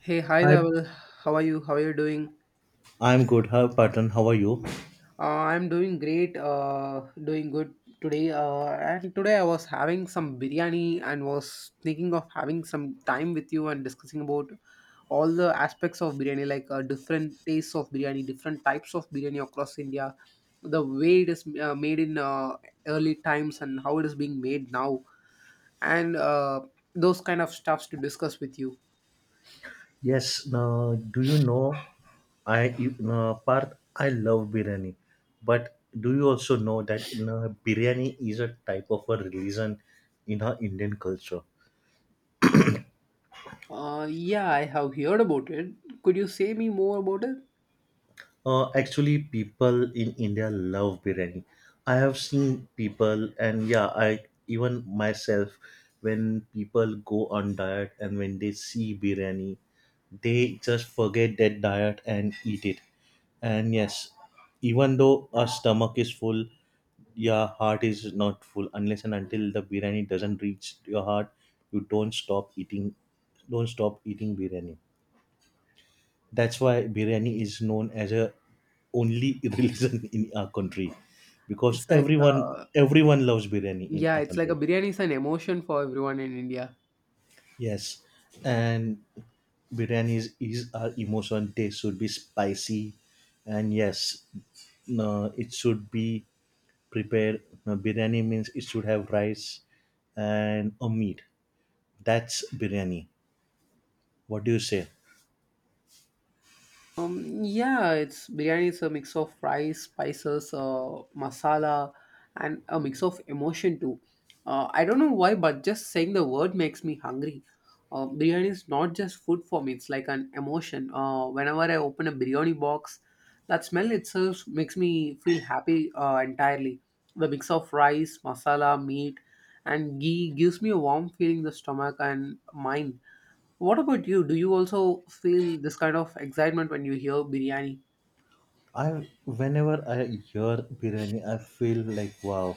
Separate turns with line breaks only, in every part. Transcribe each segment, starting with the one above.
Hey, hi
Hi.
Dhaval. How are you? How are you doing?
I'm good. How Patan? How are you?
Uh, I'm doing great. Doing good today. And today I was having some biryani and was thinking of having some time with you and discussing about all the aspects of biryani, like different tastes of biryani, different types of biryani across India, the way it is made in early times and how it is being made now, and those kind of stuffs to discuss with you.
Yes. Now, do you know? No, Parth, I love biryani, but do you also know that no, biryani is a type of a religion in our Indian culture?
Yeah, I have heard about it. Could you say me more about it?
Actually, people in India love biryani. I have seen people, and yeah, I even myself, when people go on diet and when they see biryani, they just forget that diet and eat it. And yes, even though our stomach is full, your heart is not full unless and until the biryani doesn't reach your heart. You don't stop eating biryani. That's why biryani is known as a only religion in our country because
It's like,
everyone
uh,
everyone loves biryani in
yeah,
our
it's like a
country.
biryani is an emotion for everyone in India.
Yes, and biryani is our emotion. Taste should be spicy, and yes, no, it should be prepared. No, biryani means it should have rice and a meat. That's biryani. What do you say?
Yeah, it's biryani. It's a mix of rice, spices, masala, and a mix of emotion too. I don't know why, but just saying the word makes me hungry. Biryani is not just food for me; it's like an emotion. Whenever I open a biryani box, that smell itself makes me feel happy entirely. The mix of rice, masala, meat, and ghee gives me a warm feeling in the stomach and mind. What about you? Do you also feel this kind of excitement when you hear biryani? I
I whenever I hear biryani, I feel like wow,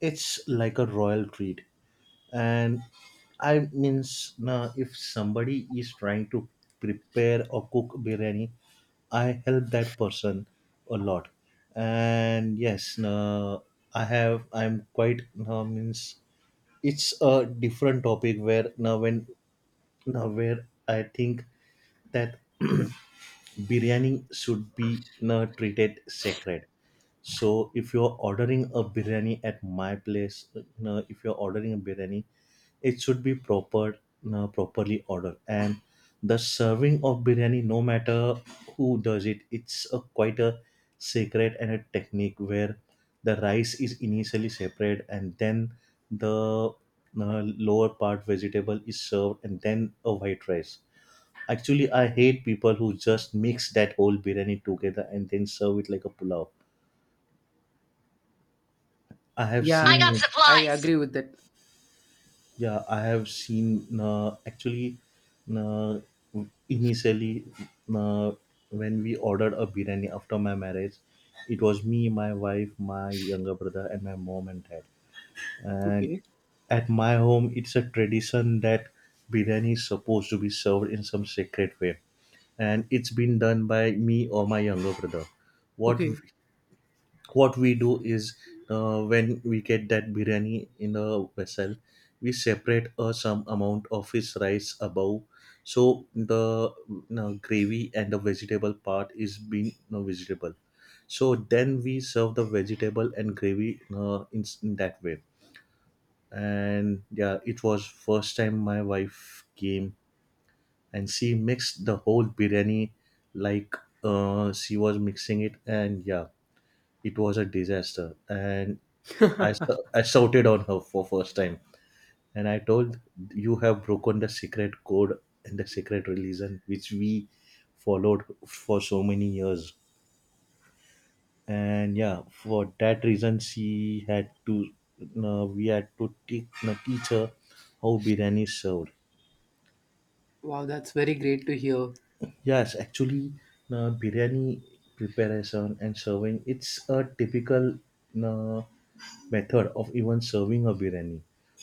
it's like a royal treat. And I means now if somebody is trying to prepare or cook biryani, I help that person a lot. And yes, now I'm quite now means it's a different topic where now when now where I think that biryani should be na, treated sacred, so if you're ordering a biryani at my place, na, if you're ordering a biryani, it should be proper, na, properly ordered, and the serving of biryani no matter who does it, it's a quite a sacred and a technique where the rice is initially separate and then the lower part vegetable is served and then a white rice. Actually, I hate people who just mix that whole biryani together and then serve it like a pulao. I have
Yeah, I
seen
got I
it.
supplies. Agree with that.
Yeah, I have seen. Actually, uh, initially, uh, when we ordered a biryani after my marriage, it was me, my wife, my younger brother, and my mom and dad. And
Okay,
at my home, it's a tradition that biryani is supposed to be served in some sacred way, and it's been done by me or my younger brother. What
okay.
what we do is, when we get that biryani in a vessel, we separate some amount of his rice above, so the gravy and the vegetable part is being vegetable so then we serve the vegetable and gravy in that way. And yeah, it was first time my wife came, and she mixed the whole biryani like, she was mixing it, and yeah, it was a disaster. And I shouted on her for first time, and I told you have broken the secret code and the secret religion which we followed for so many years. And yeah, for that reason, she had to we had to teach her how biryani is served.
Wow, that's very great to hear.
Yes, actually, biryani preparation and serving it's a typical uh, method of even serving a biryani.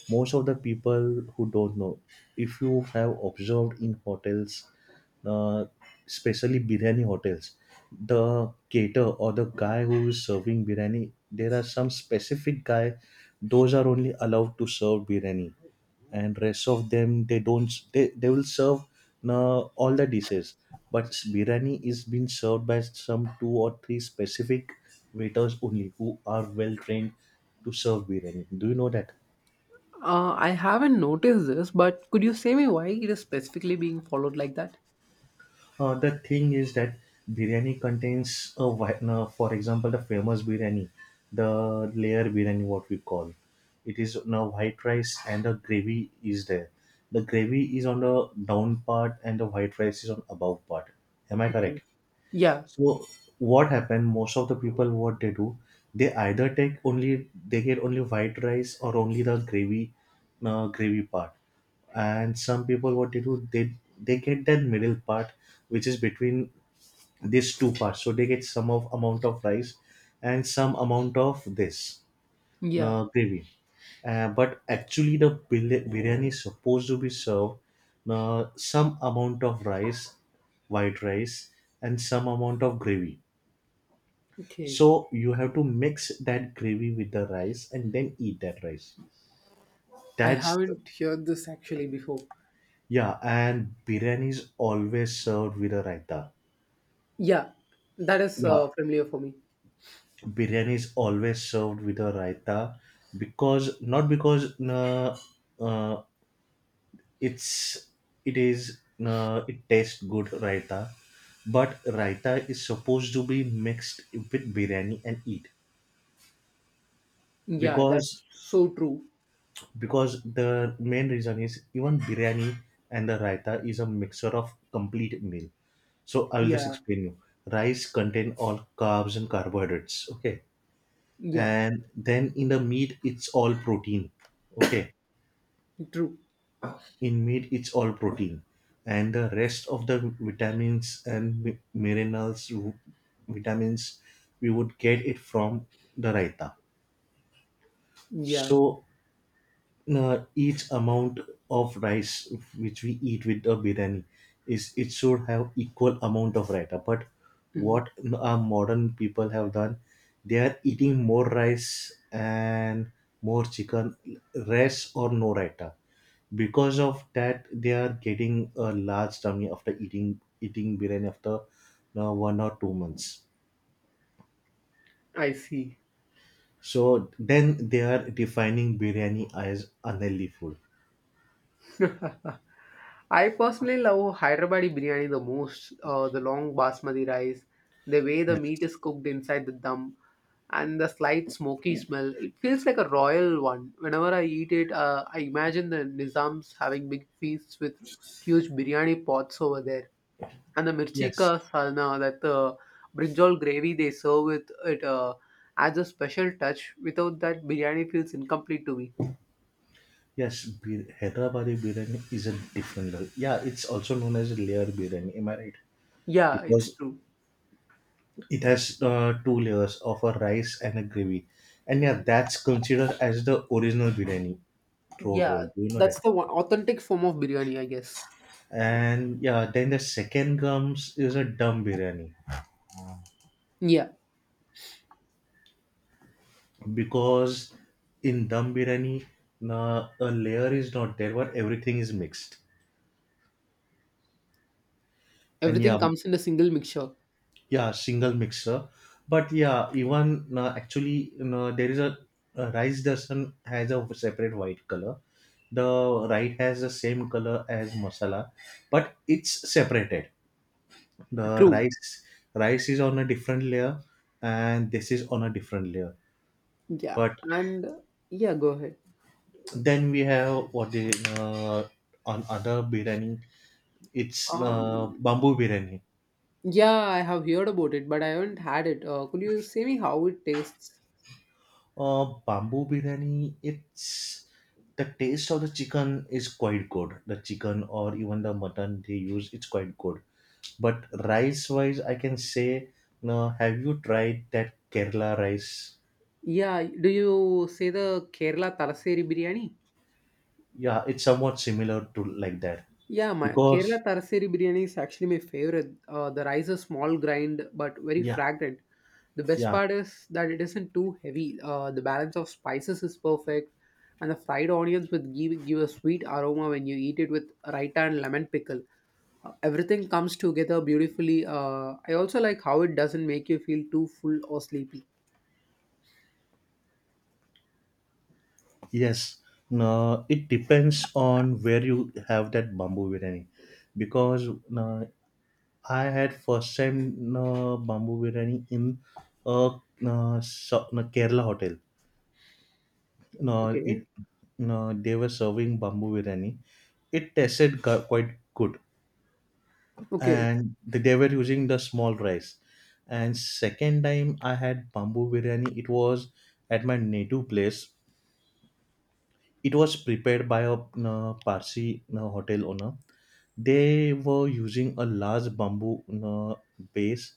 Most of the people who don't know, if you have observed in hotels, uh, especially biryani hotels, the caterer or the guy who is serving biryani, there are some specific guy; those are only allowed to serve biryani, and rest of them they don't they will serve all the dishes, but biryani is being served by some two or three specific waiters only who are well trained to serve biryani. Do you know that?
I haven't noticed this, but could you say me why it is specifically being followed like that?
The thing is that biryani contains a, for example the famous biryani, the layer biryani what we call it, is now white rice and the gravy is there. The gravy is on the down part and the white rice is on above part. Am I
Okay.
correct?
Yeah,
So what happened? Most of the people, what they do, they either take only they get only white rice or only the gravy, gravy part. And some people, what they do, they get that middle part, which is between these two parts. So they get some of amount of rice and some amount of this
yeah.
gravy. But actually, the biryani is supposed to be served some amount of rice, white rice, and some amount of gravy,
Okay.
so you have to mix that gravy with the rice and then eat that rice.
I
That's...
haven't heard this actually before.
yeah, and biryani is always served with a raita.
Yeah, that is
Yeah,
uh, familiar for me.
biryani is always served with a raita because not because uh, it's it is it tastes good raita, but raita is supposed to be mixed with biryani and eat,
Yeah, that's
because
so true.
because the main reason is even biryani and the raita is a mixture of complete meal, so I will just
Yeah,
explain you. Rice contain all carbs and carbohydrates, okay?
yeah,
And then in the meat it's all protein, okay.
true.
In meat it's all protein, and the rest of the vitamins and vitamins we would get it from the raita.
Yeah,
So each amount of rice which we eat with the biryani is it should have equal amount of raita. But
hmm
what our modern people have done, they are eating more rice and more chicken, less or no raita. Because of that they are getting a large tummy after eating biryani after 1 or 2 months,
I see.
so then they are defining biryani as unhealthy food.
I personally love Hyderabadi biryani the most. The long basmati rice, the way the meat
Yes,
is cooked inside the dum, and the slight smoky smell. It feels like a royal one. Whenever I eat it, I imagine the Nizams having big feasts with huge biryani pots over there. And the mirchi
yes.
ka salna, that brinjal gravy they serve with it, adds a special touch. Without that, biryani feels incomplete to me.
Yes, Hyderabadi biryani is a different level. Yeah, it's also known as a layer biryani. Am I right?
Yeah,
Because
it's true.
it has two layers of a rice and a gravy, and yeah, that's considered as the original biryani throughout
Yeah,
world. Do you know
that's
that?
the one authentic form of biryani, I guess.
And yeah, then the second comes is a dum biryani
Yeah,
because in dum biryani, na, a layer is not there, but everything is mixed. And
everything
yeah,
comes in a single mixture.
yeah single mixer. But yeah, even actually you know, there is a rice doesn't has a separate white color, the rice has the same color as masala, but it's separated. The
True.
rice is on a different layer and this is on a different layer.
Yeah,
But
and yeah, go ahead.
then we have what the uh, on other biryani, it's
Um,
bamboo biryani.
yeah, I have heard about it, but I haven't had it. Could you say me how it tastes?
Bamboo biryani, it's the taste of the chicken is quite good. The chicken or even the mutton they use, it's quite good. But rice wise, I can say, no, have you tried that Kerala rice?
Yeah, do you say the Kerala Talaseri biryani?
Yeah, it's somewhat similar to like that
Yeah, my
because
Kerala Taraseri biryani is actually my favorite. The rice is small grind but very
yeah,
fragrant. The best
yeah,
part is that it isn't too heavy. The balance of spices is perfect, and the fried onions would give a sweet aroma when you eat it with raita and lemon pickle. Everything comes together beautifully. I also like how it doesn't make you feel too full or sleepy.
yes. No, it depends on where you have that bamboo biryani because no, I had first time bamboo biryani in a no, Kerala hotel. No, it
Okay.
no, they were serving bamboo biryani. It tasted quite good,
Okay.
and they were using the small rice. And second time I had bamboo biryani, it was at my native place. It was prepared by a Parsi hotel owner. They were using a large bamboo base,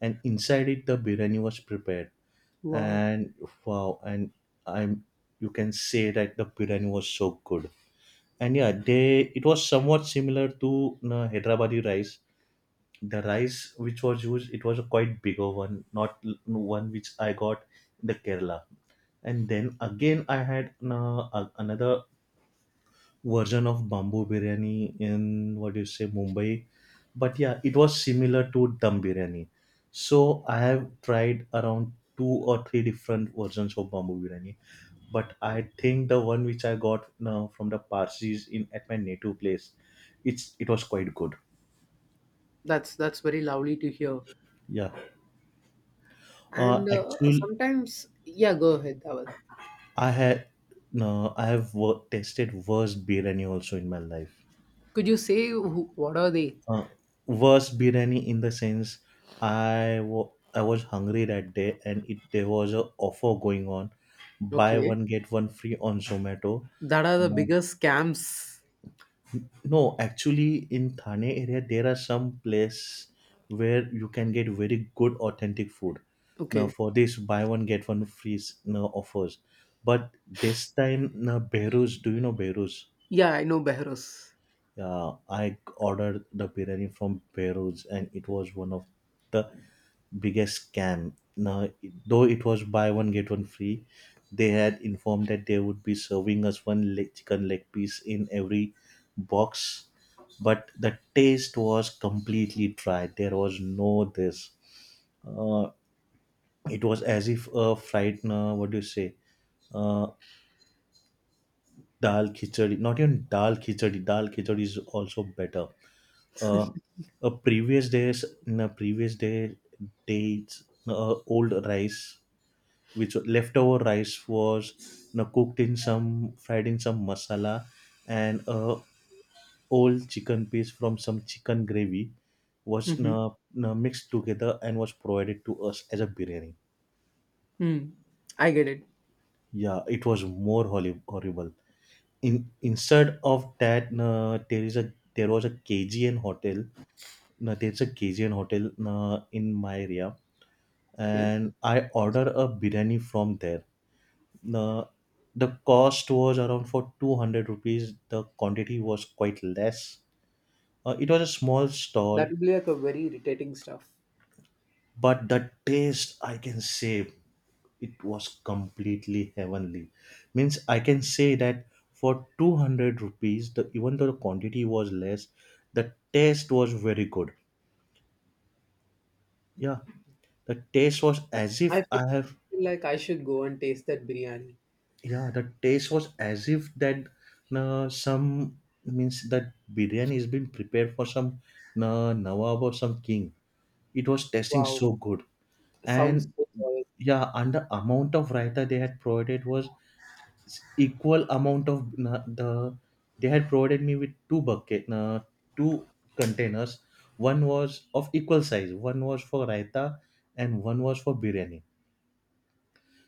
and inside it the biryani was prepared.
Wow.
And wow, and I'm you can say that the biryani was so good. And yeah, they it was somewhat similar to Hyderabadi rice. The rice which was used, it was a quite bigger one, not one which I got in the Kerala. And then again, I had another version of bamboo biryani in what do you say Mumbai, but yeah, it was similar to dum biryani. So I have tried around two or three different versions of bamboo biryani, but I think the one which I got now from the Parsis in at my native place, it's it was quite good.
That's very lovely to hear.
Yeah,
And
actually,
sometimes, yeah, go ahead, Dhaval.
I had no, I have tasted worst biryani also in my life.
Could you say who, what are they?
uh, Worst biryani in the sense I wa- I was hungry that day and it, there was a offer going on, buy
Okay.
one get one free on Zomato.
That are the
Uh,
biggest scams.
no, actually in Thane area there are some place where you can get very good authentic food. Now
Okay.
for this buy one get one free now offers. But this time now Beirut, do you know Beirut?
Yeah, I know Behros.
Yeah, I ordered the biryani from Beirut, and it was one of the biggest scam. Now, though it was buy one get one free, they had informed that they would be serving us one leg, chicken leg piece in every box, but the taste was completely dry. There was no this. Uh, it was as if a fried. What do you say? Uh, Dal khichdi. Not even dal khichdi. Dal khichdi is also better uh, a previous days in a previous day dates old rice which leftover rice was cooked in some fried in some masala and old chicken piece from some chicken gravy was
Mm-hmm.
mixed together and was provided to us as a biryani.
Mm. I get it.
Yeah, it was horrible. In Instead of that, there is a there was a K G N hotel. No, there's a K G N hotel in my area,
Okay,
and I ordered a biryani from there. The the cost was around for 200 rupees. The quantity was quite less. It was a small
that
stall,
would be like a very irritating stuff.
but the taste, I can say, it was completely heavenly. Means I can say that for 200 rupees, the even though the quantity was less, the taste was very good. Yeah, the taste was as
I
if
feel
I have
feel like I should go and taste that biryani.
yeah the taste was as if that some means that biryani is being prepared for some nawab or some king. It was tasting
Wow,
so good.
sounds
And
so oil.
yeah, and the amount of raita they had provided was equal amount of the they had provided me with two bucket two containers. One was of equal size, one was for raita and one was for biryani.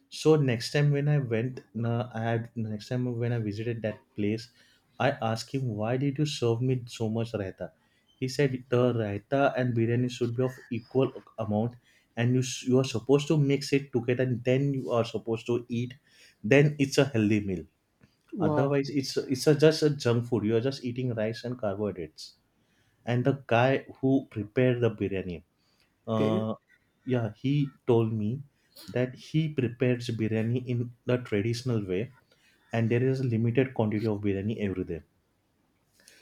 So next time when I went, I had next time when I visited that place, I asked him, why did you serve me so much raita? He said the raita and biryani should be of equal amount, and you are supposed to mix it together, and then you are supposed to eat. Then it's a healthy meal.
Wow.
Otherwise, it's a, just a junk food. You are just eating rice and carbohydrates. And the guy who prepared the biryani,
Okay,
uh, yeah, he told me that he prepares biryani in the traditional way, and there is a limited quantity of biryani every day.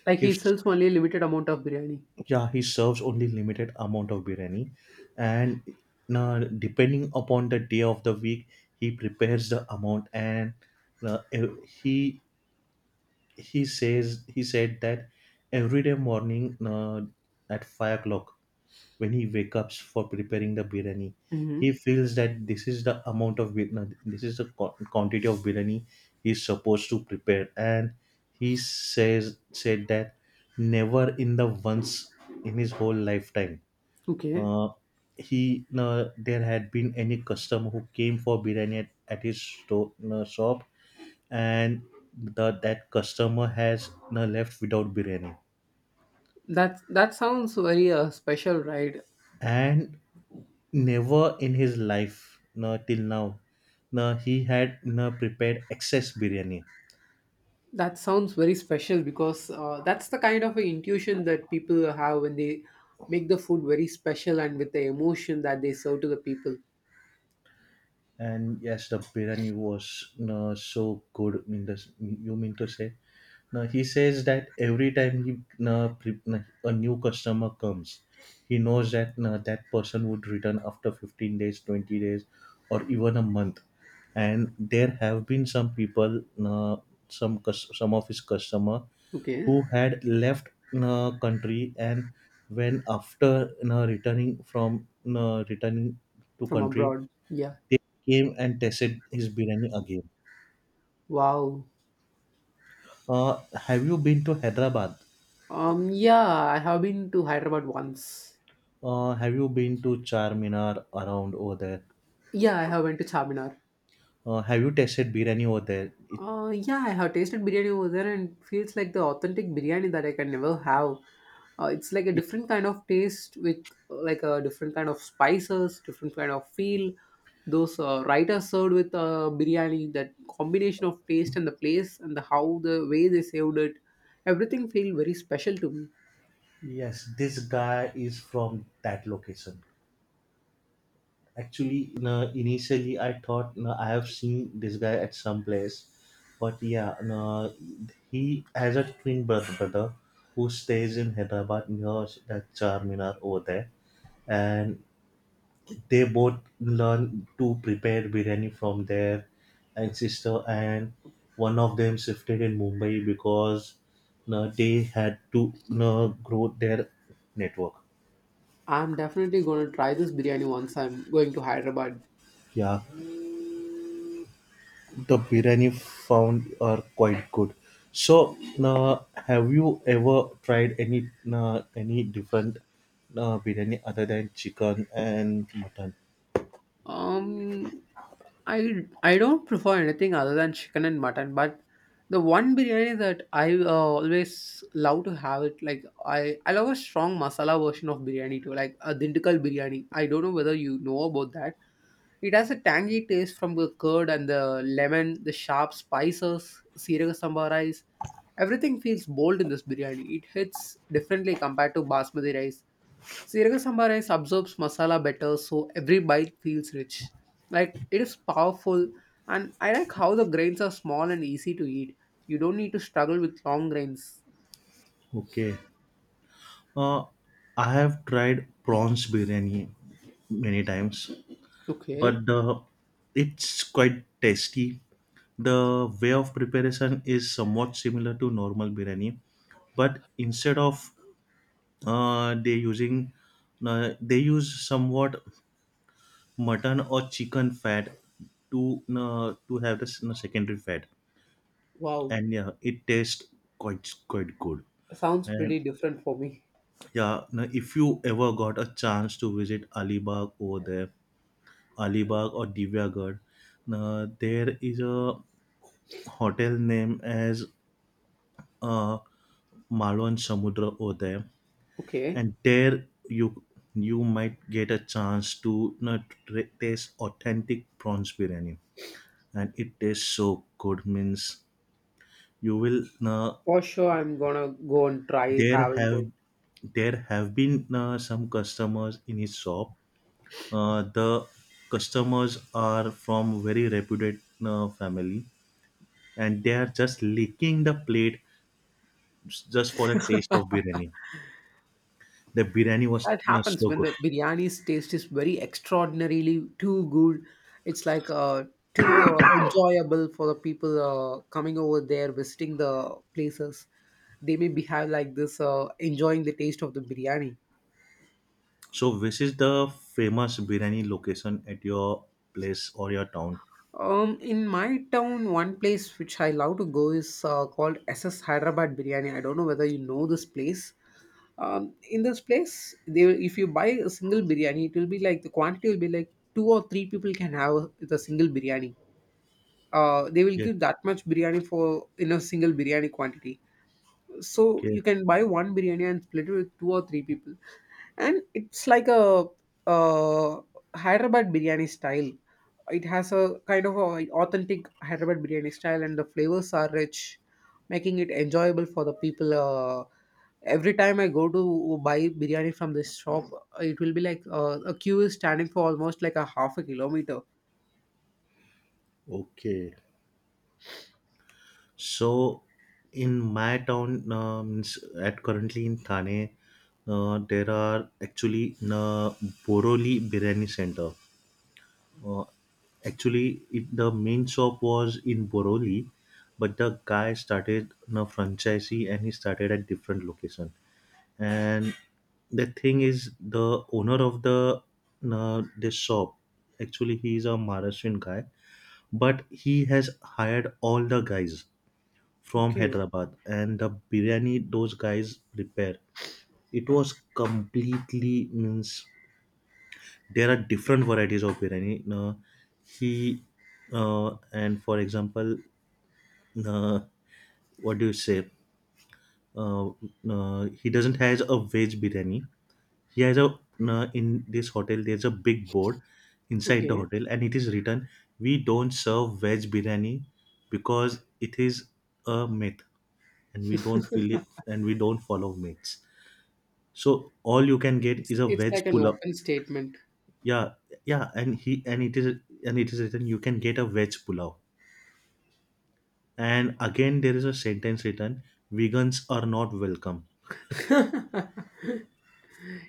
like he
If
sells only a limited amount of biryani.
yeah, he serves only limited amount of biryani, and now depending upon the day of the week, he prepares the amount and uh, e, he he says he said that every day morning at 5 o'clock, when he wakes up for preparing the biryani, he
Mm-hmm.
feels that this is the amount of biryani, this is the quantity of biryani he's supposed to prepare. And he says said that never in the once in his whole lifetime
Okay,
uh, he there had been any customer who came for biryani at his store, shop, and the, that customer has no left without biryani.
that sounds very special, right?
And never in his life no till now, no, he had no prepared excess biryani.
That sounds very special because that's the kind of a intuition that people have when they make the food very special and with the emotion that they serve to the people.
And yes, the biryani was so good. Mean the you mean to say? Now he says that every time a new customer comes, he knows that that person would return after 15 days, 20 days, or even a month. And there have been some people, some of his customer
Okay,
who had left country, and when after returning from returning to
from
country,
abroad. Yeah.
they came and tested his biryani again.
Wow.
Uh, have you been to Hyderabad?
Um, yeah, I have been to Hyderabad once.
Have you been to Charminar around over there?
Yeah, I have went to Charminar.
Have you tasted biryani over there?
Yeah, I have tasted biryani over there and feels like the authentic biryani that I can never have. It's like a
Ye-
different kind of taste with like a different kind of spices, different kind of feel. Those writers served with biryani, that combination of taste and the place and the how the way they served it, everything feel very special to me.
yes, this guy is from that location. Actually, no, initially I thought no, I have seen this guy at some place, but yeah, no, he has a twin brother who stays in Hyderabad near that Charminar over there, and they both learn to prepare biryani from their ancestor, and one of them shifted in Mumbai because they had to grow their network.
I'm definitely gonna try this biryani once I'm going to Hyderabad.
Yeah, the biryani found are quite good. So uh, have you ever tried any different biryani other than chicken and mutton?
Um, I I don't prefer anything other than chicken and mutton, but the one biryani that I always love to have it like I love a strong masala version of biryani too, like a dindigal biryani. I don't know whether you know about that. It has a tangy taste from the curd and the lemon, the sharp spices, sirga sambar rice. Everything feels bold in this biryani. It hits differently compared to basmati rice. Sriracha sambar rice absorbs masala better, so every bite feels rich. Like it is powerful, and I like how the grains are small and easy to eat. You don't need to struggle with long grains.
Okay. uh, I have tried prawns biryani many times,
Okay,
but it's quite tasty. The way of preparation is somewhat similar to normal biryani, but instead of uh, they using they use somewhat mutton or chicken fat to have the secondary fat,
wow,
and yeah, it tastes quite good.
sounds pretty
And
different for me.
yeah, now if you ever got a chance to visit Alibag over there, Alibag or Divyagarh, now there is a hotel name as uh, Malwan Samudra over there,
Okay,
and there you you might get a chance to taste authentic prawns biryani, and it tastes so good. Means you will
for sure, I'm gonna go and try
there
having
have
it.
there have been some customers in his shop. The customers are from very reputed family, and they are just licking the plate just for the taste of biryani. The biryani was
That happens
so
when
good.
the biryani's taste is very extraordinarily too good. It's like too enjoyable for the people coming over there visiting the places. They may behave like this, enjoying the taste of the biryani.
So, which is the famous biryani location at your place or your town?
In my town, one place which I love to go is called S S Hyderabad Biryani. I don't know whether you know this place. In this place, they will- if you buy a single biryani, it will be like the quantity will be like two or three people can have with a single biryani. They will
Okay,
give that much biryani for in a single biryani quantity, so
okay,
you can buy one biryani and split it with two or three people, and it's like a uh, hyderabad biryani style. It has a kind of a authentic hyderabad biryani style, and the flavors are rich, making it enjoyable for the people. Every time I go to buy biryani from this shop, it will be like a queue is standing for almost like a half a kilometer.
okay. So, in my town, means at currently in Thane, there are actually Boroli Biryani Center. Uh, Actually, it, the main shop was in Boroli, but the guy started a franchisee and he started at different location. And the thing is the owner of the this shop, actually he is a Maharashtrian guy, but he has hired all the guys from
Okay,
Hyderabad, and the biryani those guys prepare, it was completely means there are different varieties of biryani. He And for example, uh, what do you say uh, he doesn't has a veg biryani. He has a in this hotel there's a big board inside the
okay.
hotel and it is written, we don't serve veg biryani because it is a myth, and we don't fill it and we don't follow myths. So all you can get is a
It's
veg
like an
pulao.
open statement.
Yeah, yeah, and he and it is written, you can get a veg pulao. And again there is a sentence written, vegans are not welcome.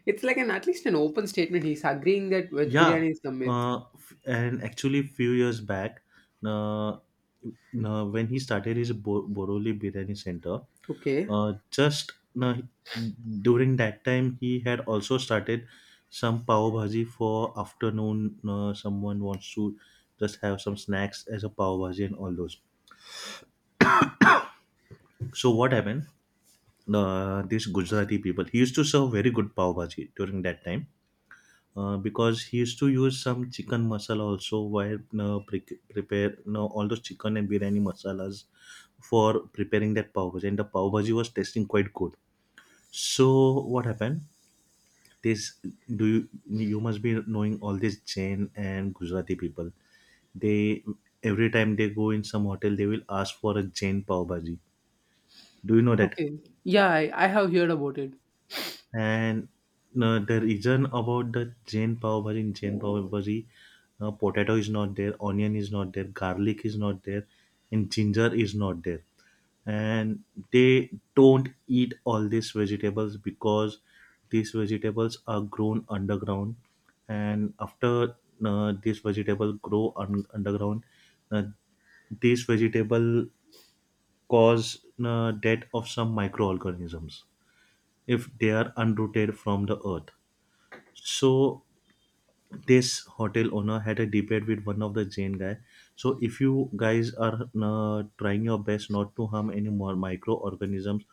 It's like an at least an open statement. He's agreeing that veg
Yeah,
biryani is a myth.
and actually, few years back, uh, when he started his Boroli Biryani Center,
Okay.
just uh, during that time, he had also started some pav bhaji for afternoon. Someone wants to just have some snacks as a pav bhaji and all those. So what happened? These Gujarati people, he used to serve very good pav bhaji during that time, because he used to use some chicken masala also while prepare no all those chicken and biryani masalas for preparing that pav bhaji, and the pav bhaji was tasting quite good. So what happened? This do you you must be knowing all these Jain and Gujarati people, they every time they go in some hotel they will ask for a Jain pav bhaji. Do you know that?
Okay. Yeah, I have heard about it.
And the reason about the Jain pav bhaji in Jain pav bhaji, potato is not there, onion is not there, garlic is not there, and ginger is not there. And they don't eat all these vegetables because these vegetables are grown underground. And after these vegetables underground, uh, these vegetable cause death of some microorganisms if they are unrooted from the earth. So this hotel owner had a debate with one of the Jain guy. So if you guys are trying your best not to harm any more microorganisms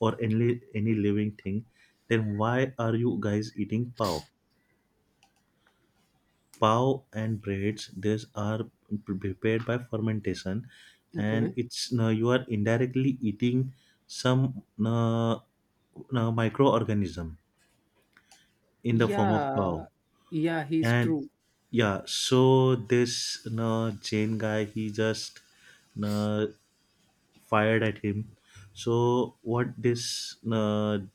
or any living thing, then why are you guys eating pav? Pav and breads, these are prepared by fermentation, and
Okay.
it's you are indirectly eating some microorganism in the form of pav.
Yeah. Yeah, he's
And
true.
yeah, so this you Jane guy, he just you fired at him. So what this you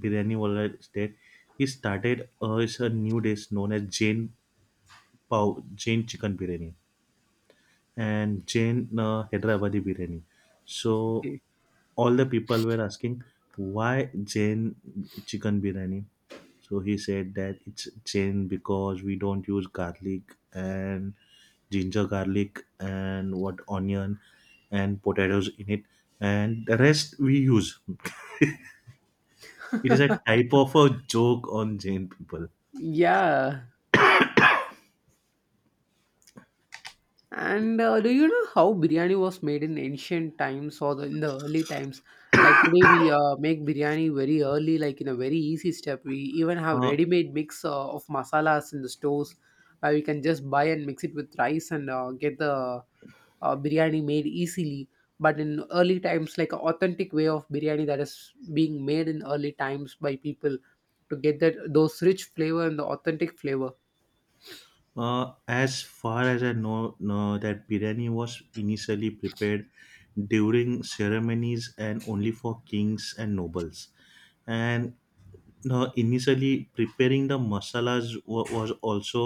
biryani wala did, he started it's a new dish known as Jane pav Jane chicken biryani and Jain Hyderabadi biryani. So
Okay.
all the people were asking, why Jain chicken biryani? So he said that it's Jain because we don't use garlic and ginger garlic and what onion and potatoes in it, and the rest we use. It is a type of a joke on Jain people.
Yeah. And do you know how biryani was made in ancient times or the, in the early times? Like today, we make biryani very early, like in a very easy step. We even have
Uh,
ready-made mix of masalas in the stores where we can just buy and mix it with rice and get the biryani made easily. But in early times, like an authentic way of biryani that is being made in early times by people to get that those rich flavor and the authentic flavor.
as far as I know, no, that biryani was initially prepared during ceremonies and only for kings and nobles. And now, initially preparing the masalas was also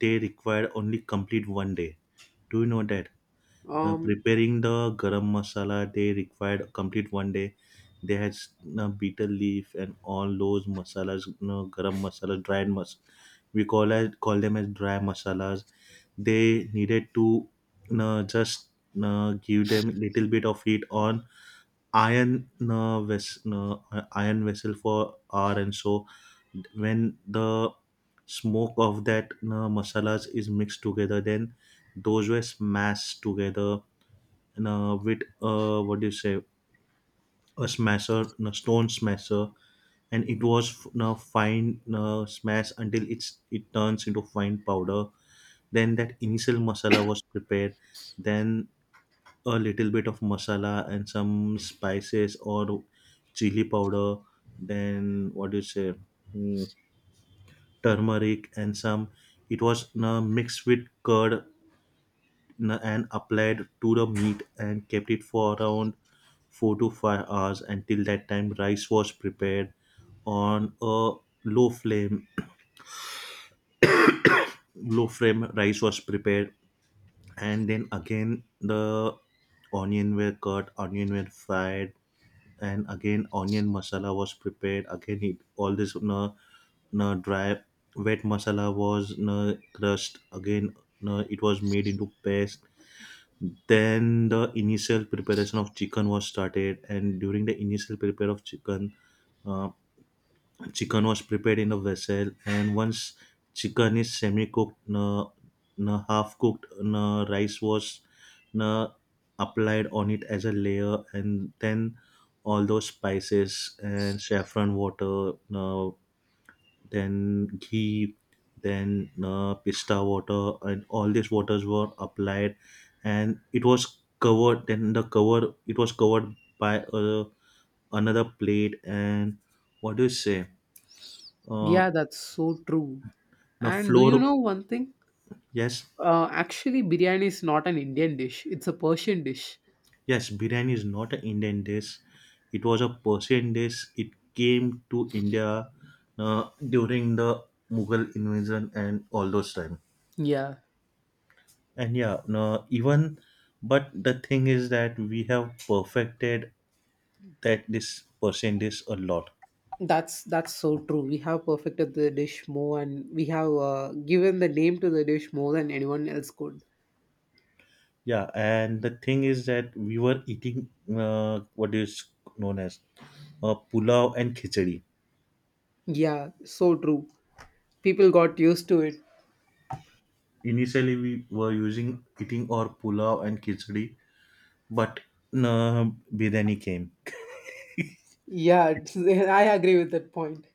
they required only complete one day. Do you know that? Now,
Um,
preparing the garam masala they required complete one day. They had bitter leaf and all those masalas, you know, garam masala, dried mas. We call as call them as dry masalas. They needed to you know, just give them little bit of heat on iron iron vessel for hour and so. When the smoke of that masalas is mixed together, then those were smashed together with what do you say a smasher, a stone smasher, and it was fine smash until it turns into fine powder. Then that initial masala was prepared. Then a little bit of masala and some spices or chili powder, then what do you say mm, turmeric and some, it was mixed with curd and applied to the meat and kept it for around 4 to 5 hours. Until that time rice was prepared on a low flame. Low flame rice was prepared, and then again the onion were cut, onion were fried, and again onion masala was prepared again it, all this na na dry wet masala was na crushed again na it was made into paste. Then the initial preparation of chicken was started, and during the initial prepare of chicken, uh, chicken was prepared in a vessel, and once chicken is semi-cooked, half-cooked rice was uh, applied on it as a layer, and then all those spices and saffron water, then ghee, then pista water, and all these waters were applied, and it was covered. Then the cover it was covered by another plate, and what do you say?
Yeah,
Uh,
that's so true.
Now,
And do you
floor,
know one thing?
yes,
Actually, biryani is not an Indian dish; it's a Persian dish.
yes, biryani is not an Indian dish. It was a Persian dish. It came to India uh, during the Mughal invasion and all those time.
Yeah,
And yeah, no, even but the thing is that we have perfected that this Persian dish a lot.
that's so true. We have perfected the dish more, and we have given the name to the dish more than anyone else could.
Yeah, and the thing is that we were eating what is known as pulao and khichdi.
Yeah, so true. People got used to it.
Initially, we were using eating or pulao and khichdi. But no, biryani came.
Yeah, I agree with that point.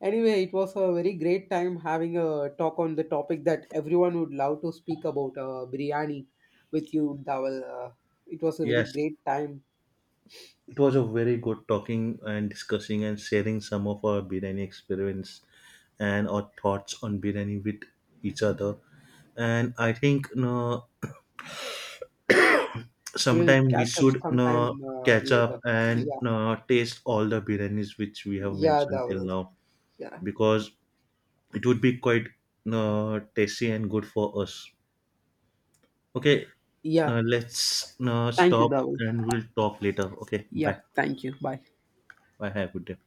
Anyway, it was a very great time having a talk on the topic that everyone would love to speak about biryani with you, Dawal. It was a very
Yes,
great time.
it was a very good talking and discussing and sharing some of our biryani experience and our thoughts on biryani with each other. And I think no,
We will
sometime we
catch up
should
sometime
no, catch up
later.
and
Yeah,
no, taste all the biryanis which we have
yeah,
mentioned till
Dawal.
now,
Yeah,
because it would be quite no, tasty and good for us. Okay,
yeah.
now let's no,
Thank you,
stop
Dawal.
and we'll talk later. Okay,
Yeah,
bye.
thank you. Bye.
I have a good day.